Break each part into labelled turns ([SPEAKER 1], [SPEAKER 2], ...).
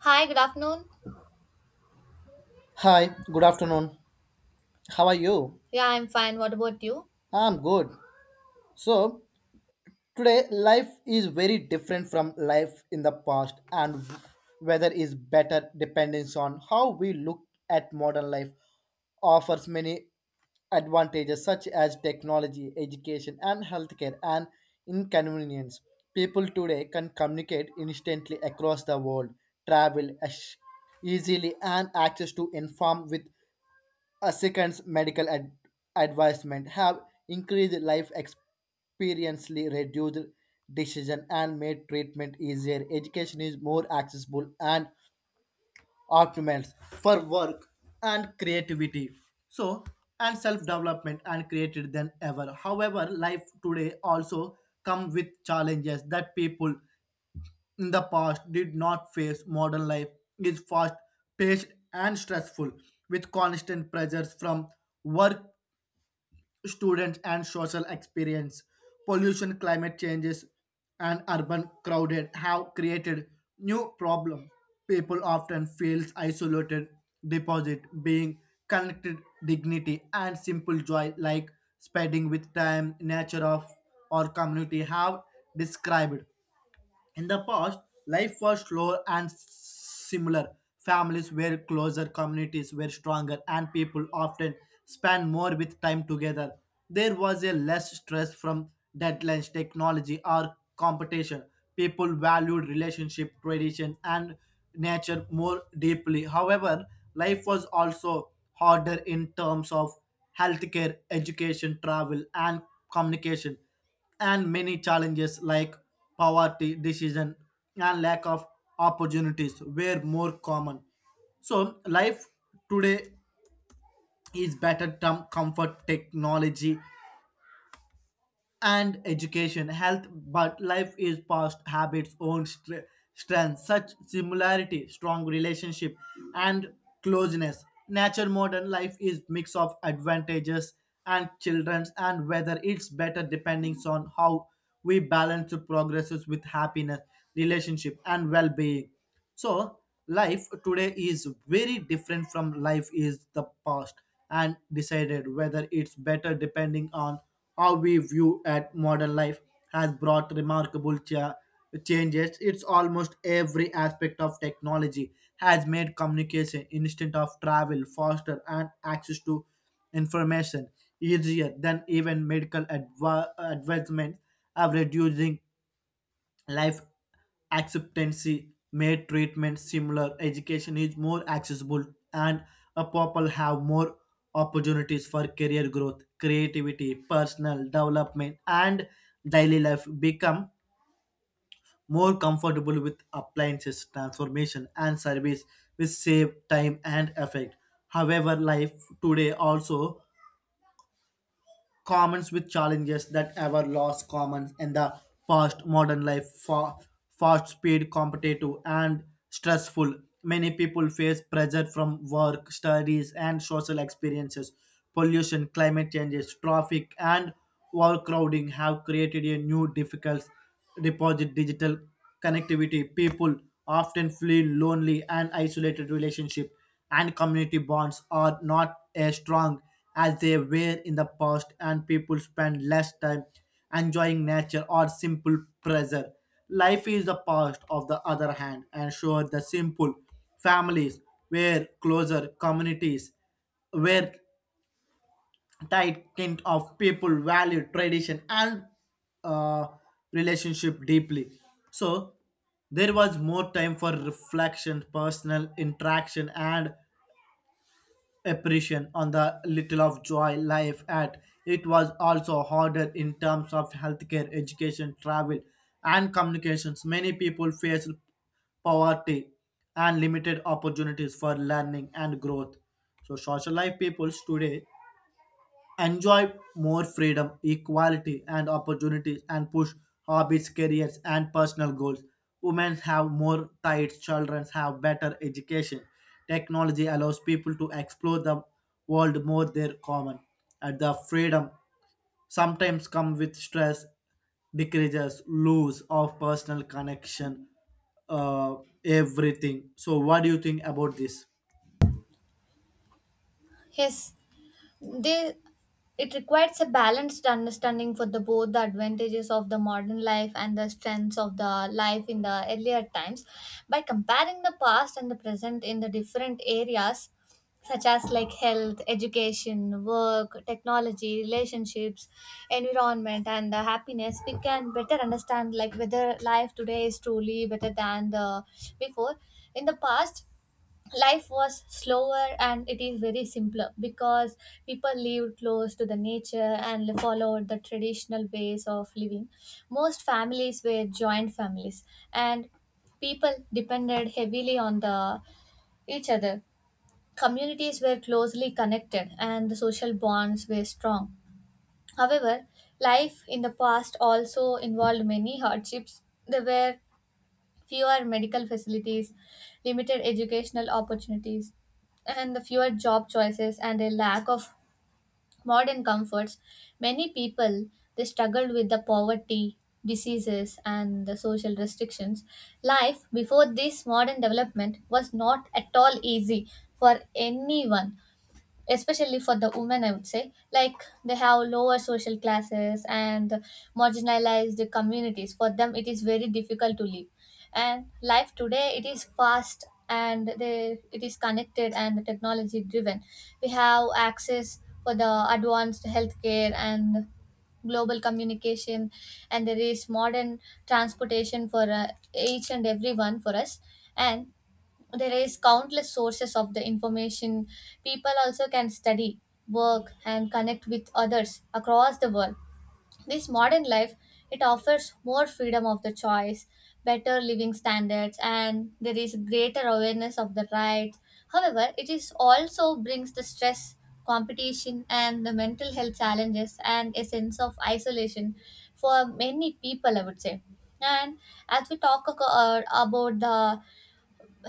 [SPEAKER 1] Hi, good afternoon.
[SPEAKER 2] Hi, good afternoon. How are you?
[SPEAKER 1] Yeah, I'm fine. What about you?
[SPEAKER 2] I'm good. So, today life is very different from life in the past and whether is better depends on how we look at modern life offers many advantages such as technology, education and healthcare and inconvenience. People today can communicate instantly across the world, travel ash- easily and access to inform with a second's advisement have increased life experiently reduced decision and made treatment easier. Education is more accessible and optimized for work and creativity. So and self-development and created than ever. However, life today also come with challenges that people in the past did not face. Modern life is fast paced and stressful with constant pressures from work students and social experience. Pollution, climate changes, and urban crowded have created new problems. People often feel isolated, deposit being connected dignity and simple joy like spending with time, nature of or community have described. In the past, life was slower and similar. Families were closer, communities were stronger, and people often spent more with time together. There was a less stress from deadlines, technology, or competition. People valued relationship, tradition, and nature more deeply. However, life was also harder in terms of healthcare, education, travel, and communication and many challenges like poverty, decision, and lack of opportunities were more common. So, life today is better term comfort technology and education, health, but life is past habits, strength, such similarity, strong relationship, and closeness. Nature modern life is mix of advantages and children's, and whether it's better depending on how we balance the progresses with happiness, relationship, and well-being so life today is very different from life is the past and decided whether it's better depending on how we view at modern life has brought changes it's almost every aspect of technology has made communication instant of travel faster and access to information easier than even advancements have reducing life acceptancy made treatment similar education is more accessible and a people have more opportunities for career growth creativity personal development and daily life become more comfortable with appliances transformation and service which save time and effort however life today also commons with challenges that ever lost commons in the past fast speed competitive and stressful many people face pressure from work studies and social experiences pollution climate changes traffic and overcrowding have created a new difficult deposit digital connectivity, people often feel lonely and isolated relationship and community bonds are not as strong as they were in the past and people spend less time enjoying nature or simple pleasure. Life is the past of the other hand and sure the simple families were closer communities were that kind of people value tradition and uh, relationship deeply. So there was more time for reflection, personal interaction, and appreciation on the little of joy life at. It was also harder in terms of healthcare, education, travel, and communications. Many people faced poverty and limited opportunities for learning and growth. So social life peoples today enjoy more freedom, equality, and opportunities and push hobbies, careers, and personal goals. Women have more rights, children have better education. Technology allows people to explore the world more their common. And the freedom sometimes come with stress, decreases, lose of personal connection, uh, everything. So what do you think about this?
[SPEAKER 1] Yes, they, it requires a balanced understanding for the both the advantages of the modern life and the strengths of the life in the earlier times. By comparing the past and the present in the different areas, such as like health, education, work, technology, relationships, environment, and the happiness, we can better understand like whether life today is truly better than the before. In the past, life was slower and it is very simpler because people lived close to the nature and followed the traditional ways of living. Most families were joint families, and people depended heavily on the each other. Communities were closely connected and the social bonds were strong. However, life in the past also involved many hardships. There were fewer medical facilities, limited educational opportunities, and the fewer job choices and a lack of modern comforts. Many people they struggled with the poverty, diseases, and the social restrictions. Life before this modern development was not at all easy for anyone, especially for the women, I would say. Like they have lower social classes, and marginalized communities, for them it is very difficult to live. And life today it is fast and it is connected and technology driven. We have access for the advanced healthcare and global communication, and there is modern transportation for each and everyone for us. And there is countless sources of the information. People also can study, work and connect with others across the world. This modern life, it offers more freedom of the choice, better living standards, and there is greater awareness of the rights. However, it is also brings the stress, competition and the mental health challenges and a sense of isolation for many people, I would say. And as we talk about the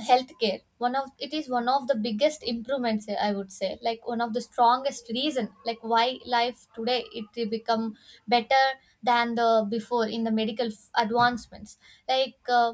[SPEAKER 1] healthcare, one of it is one of the biggest improvements, I would say, like one of the strongest reason like why life today it will become better than the before. In the medical advancements, like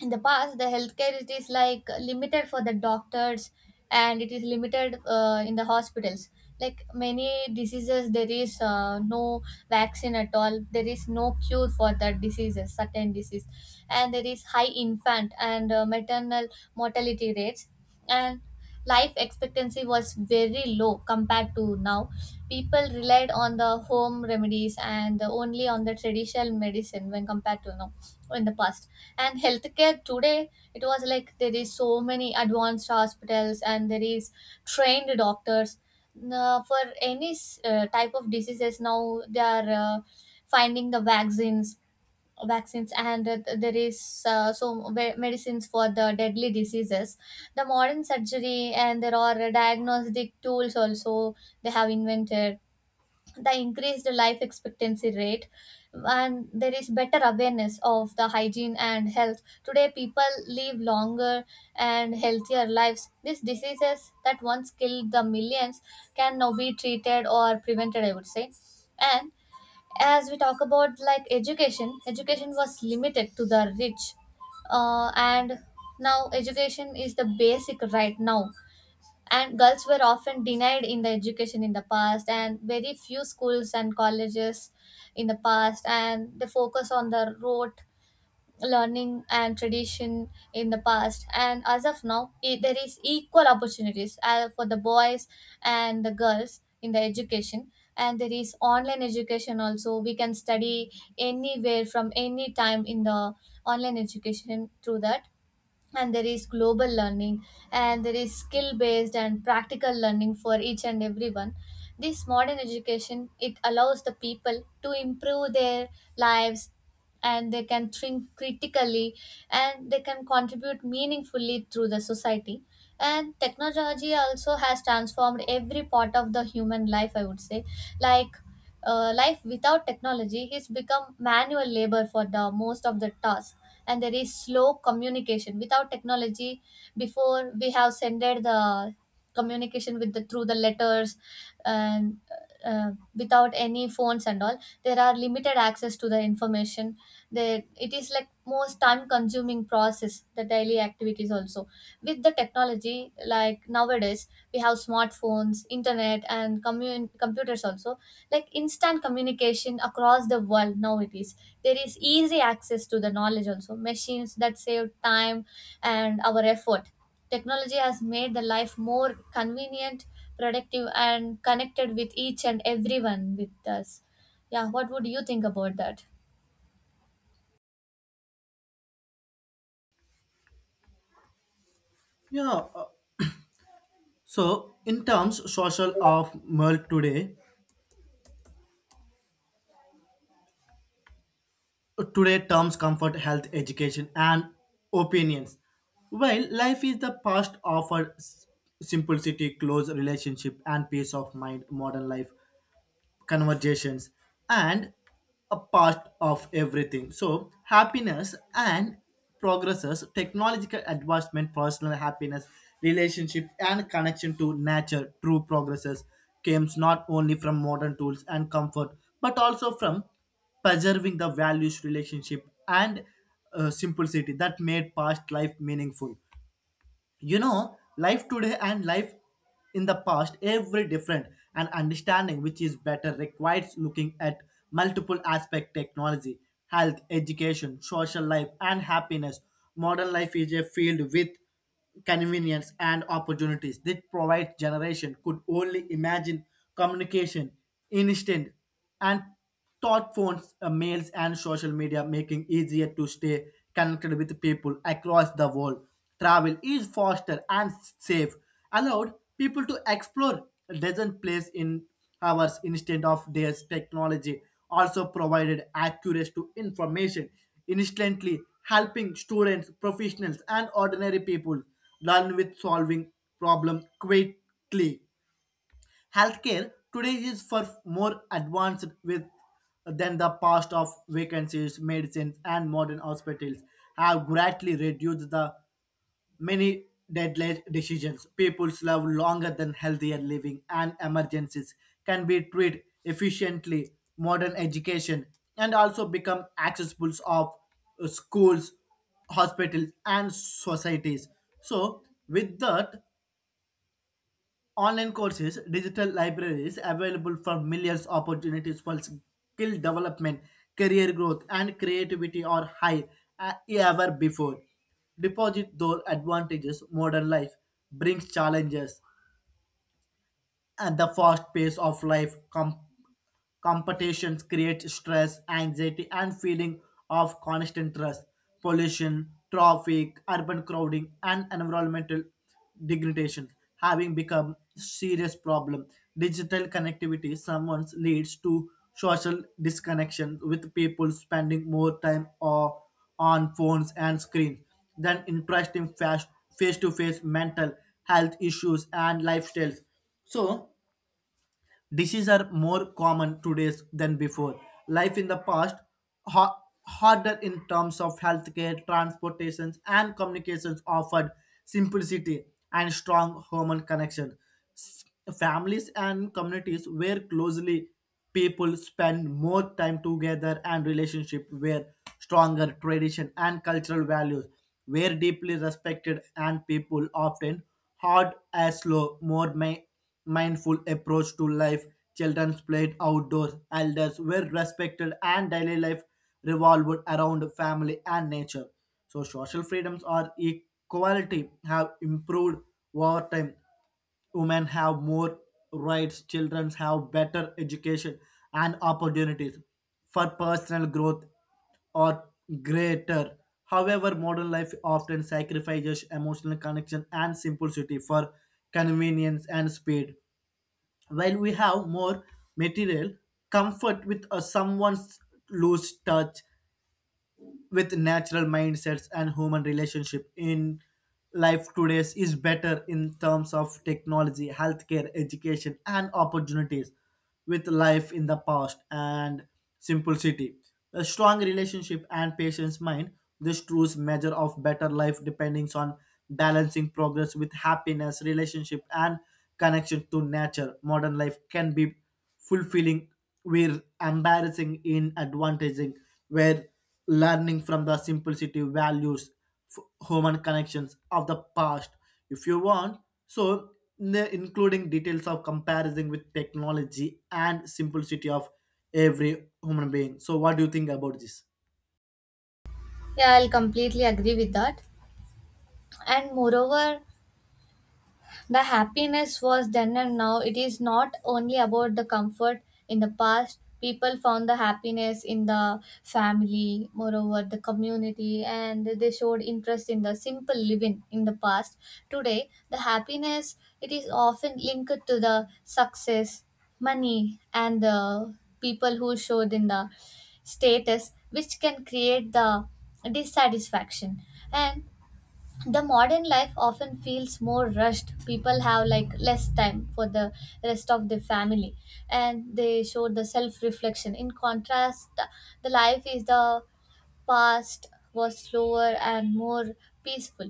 [SPEAKER 1] in the past, the healthcare it is like limited for the doctors, and it is limited in the hospitals. Like many diseases, there is no vaccine at all, there is no cure for that diseases, certain disease. And there is high infant and maternal mortality rates. And life expectancy was very low compared to now. People relied on the home remedies and only on the traditional medicine when compared to now in the past. And healthcare today, it was like there is so many advanced hospitals and there is trained doctors. Now, for any type of diseases, now they are finding the vaccines and there is medicines for the deadly diseases. The modern surgery and there are diagnostic tools also they have invented. The increased life expectancy rate, and there is better awareness of the hygiene and health. Today people live longer and healthier lives. These diseases that once killed the millions can now be treated or prevented, I would say. And as we talk about like education, education was limited to the rich, and now education is the basic right now. And girls were often denied in the education in the past, and very few schools and colleges in the past, and they focus on the rote learning and tradition in the past. And as of now, there is equal opportunities for the boys and the girls in the education. And there is online education also, we can study anywhere from any time in the online education through that. And there is global learning, and there is skill based and practical learning for each and everyone. This modern education it allows the people to improve their lives, and they can think critically, and they can contribute meaningfully through the society. And technology also has transformed every part of the human life, I would say. Like life without technology has become manual labor for the most of the tasks, and there is slow communication without technology. Before, we have sent the communication with the through the letters, and without any phones and all. There are limited access to the information. That it is like most time consuming process, the daily activities also. With the technology, like nowadays we have smartphones, internet, and computers also. Like instant communication across the world now, it is there is easy access to the knowledge also, machines that save time and our effort. Technology has made the life more convenient, productive, and connected with each and everyone with us. Yeah, what would you think about that?
[SPEAKER 2] Yeah. So in terms social of world today, today, terms comfort, health, education, and opinions. While life is the past offered simplicity, close relationship, and peace of mind, modern life conversations and a part of everything so happiness and progresses technological advancement personal happiness relationship and connection to nature true progresses comes not only from modern tools and comfort but also from preserving the values relationship and simplicity that made past life meaningful you know life today and life in the past every different and understanding which is better requires looking at multiple aspect technology health education social life and happiness modern life is a field with convenience and opportunities that provide generation could only imagine communication instant and smartphones, mails, and social media making easier to stay connected with people across the world. Travel is faster and safe, allowed people to explore dozen places in hours instead of days. Technology also provided access to information instantly, helping students, professionals, and ordinary people learn with solving problem quickly. Healthcare today is for more advanced with than the past of vacancies, medicines, and modern hospitals have greatly reduced the many deadly decisions. People live longer than healthier living, and emergencies can be treated efficiently. Modern education and also become accessible of schools, hospitals, and societies. So, with that, online courses, digital libraries available for millions opportunities for skill development, career growth, and creativity are high ever before. Deposit those advantages modern life brings challenges and the fast pace of competitions create stress anxiety and feeling of constant stress pollution traffic urban crowding and environmental degradation having become serious problem digital connectivity sometimes leads to social disconnection with people spending more time or on phones and screens than interesting face to face mental health issues and lifestyles so, dishes are more common today than before. Life in the past, harder in terms of healthcare, transportations, and communications offered simplicity and strong human connection. S- Families and communities where closely people spend more time together and relationship were stronger tradition and cultural values were deeply respected and people often hard as slow, mindful approach to life. Children played outdoors, elders were respected, and daily life revolved around family and nature. So social freedoms or equality have improved over time women have more rights, children have better education and opportunities for personal growth or greater. However, modern life often sacrifices emotional connection and simplicity for convenience and speed. While we have more material comfort with someone's loose touch with natural mindsets and human relationship in life today is better in terms of technology healthcare education and opportunities with life in the past and simplicity a strong relationship and patience mind this truth measure of better life depends on balancing progress with happiness relationship and connection to nature. Modern life can be fulfilling, where embarrassing in advantaging, where learning from the simplicity values human connections of the past if you want so including details of comparison with technology and simplicity of every human being so what do you think about this
[SPEAKER 1] Yeah, I'll completely agree with that. And moreover, the happiness was then and now it is not only about the comfort. In the past, people found the happiness in the family, moreover the community, and they showed interest in the simple living in the past. Today, the happiness it is often linked to the success, money, and the people who showed in the status, which can create the dissatisfaction. And the modern life often feels more rushed. People have like less time for the rest of the family, and they show the self reflection. In contrast, the life is the past was slower and more peaceful.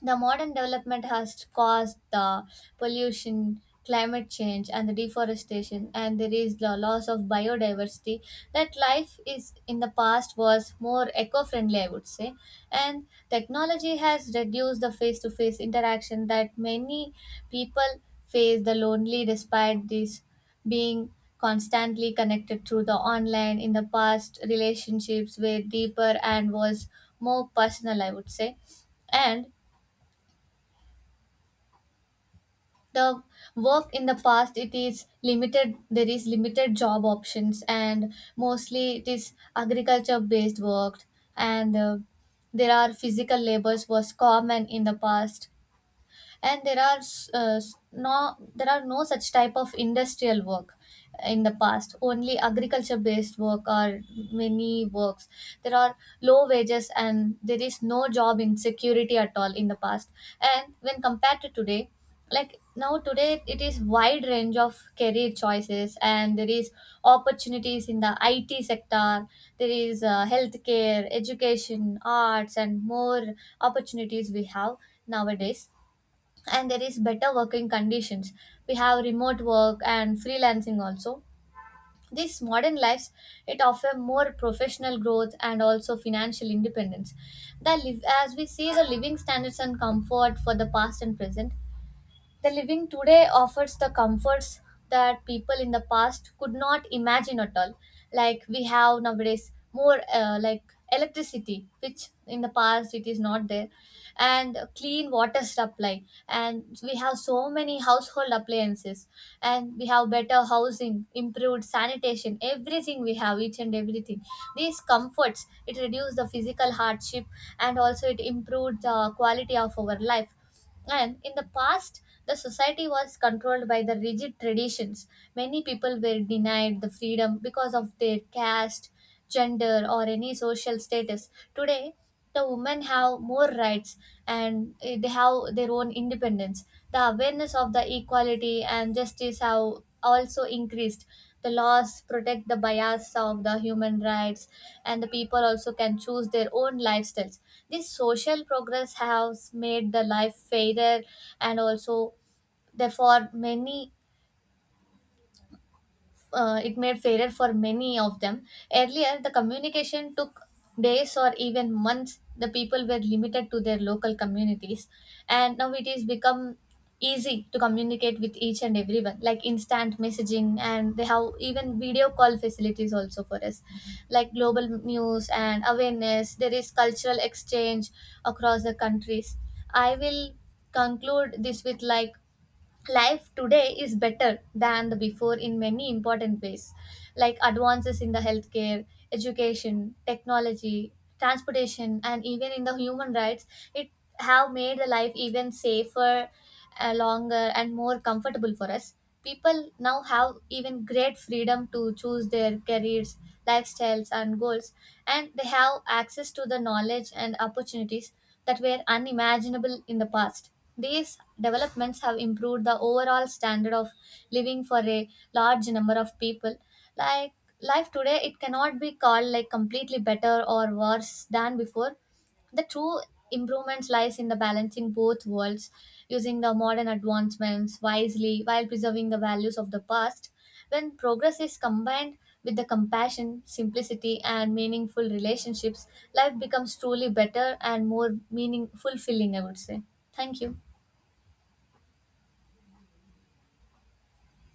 [SPEAKER 1] The modern development has caused the pollution, climate change, and the deforestation, and there is the loss of biodiversity. That life is in the past was more eco-friendly, I would say. And technology has reduced the face-to-face interaction, that many people face the lonely despite this being constantly connected through the online. In the past, relationships were deeper and was more personal, I would say. And the work in the past, it is limited. There is limited job options, and mostly it is agriculture based work. And there are physical labors was common in the past. And there are no, there are no such type of industrial work in the past. Only agriculture based work or many works. There are low wages, and there is no job insecurity at all in the past. And when compared to today, like now today it is wide range of career choices, and there is opportunities in the IT sector. There is healthcare, education, arts, and more opportunities we have nowadays. And there is better working conditions. We have remote work and freelancing also. These modern lives, it offer more professional growth and also financial independence. The live, as we see the living standards and comfort for the past and present, the living today offers the comforts that people in the past could not imagine at all. Like we have nowadays more like electricity, which in the past it is not there, and clean water supply. And we have so many household appliances, and we have better housing, improved sanitation, everything we have, each and everything. These comforts it reduced the physical hardship, and also it improved the quality of our life. And in the past, the society was controlled by the rigid traditions. Many people were denied the freedom because of their caste, gender, or any social status. Today, the women have more rights, and they have their own independence. The awareness of the equality and justice have also increased. The laws protect the bias of the human rights, and the people also can choose their own lifestyles. This social progress has made the life fairer, and also therefore many, it made fairer for many of them. Earlier, the communication took days or even months. The people were limited to their local communities, and now it is become easy to communicate with each and everyone, like instant messaging, and they have even video call facilities also for us. Like global news and awareness, there is cultural exchange across the countries. I will conclude this with like life today is better than the before in many important ways, like advances in the healthcare, education, technology, transportation, and even in the human rights. It have made the life even safer, longer, and more comfortable for us. People now have even great freedom to choose their careers, lifestyles and goals, and they have access to the knowledge and opportunities that were unimaginable in the past. These developments have improved the overall standard of living for a large number of people. Like, life today it cannot be called like completely better or worse than before. The true improvements lies in the balancing both worlds, using the modern advancements wisely while preserving the values of the past. When progress is combined with the compassion, simplicity, and meaningful relationships, life becomes truly better and more meaning fulfilling, I would say. Thank you.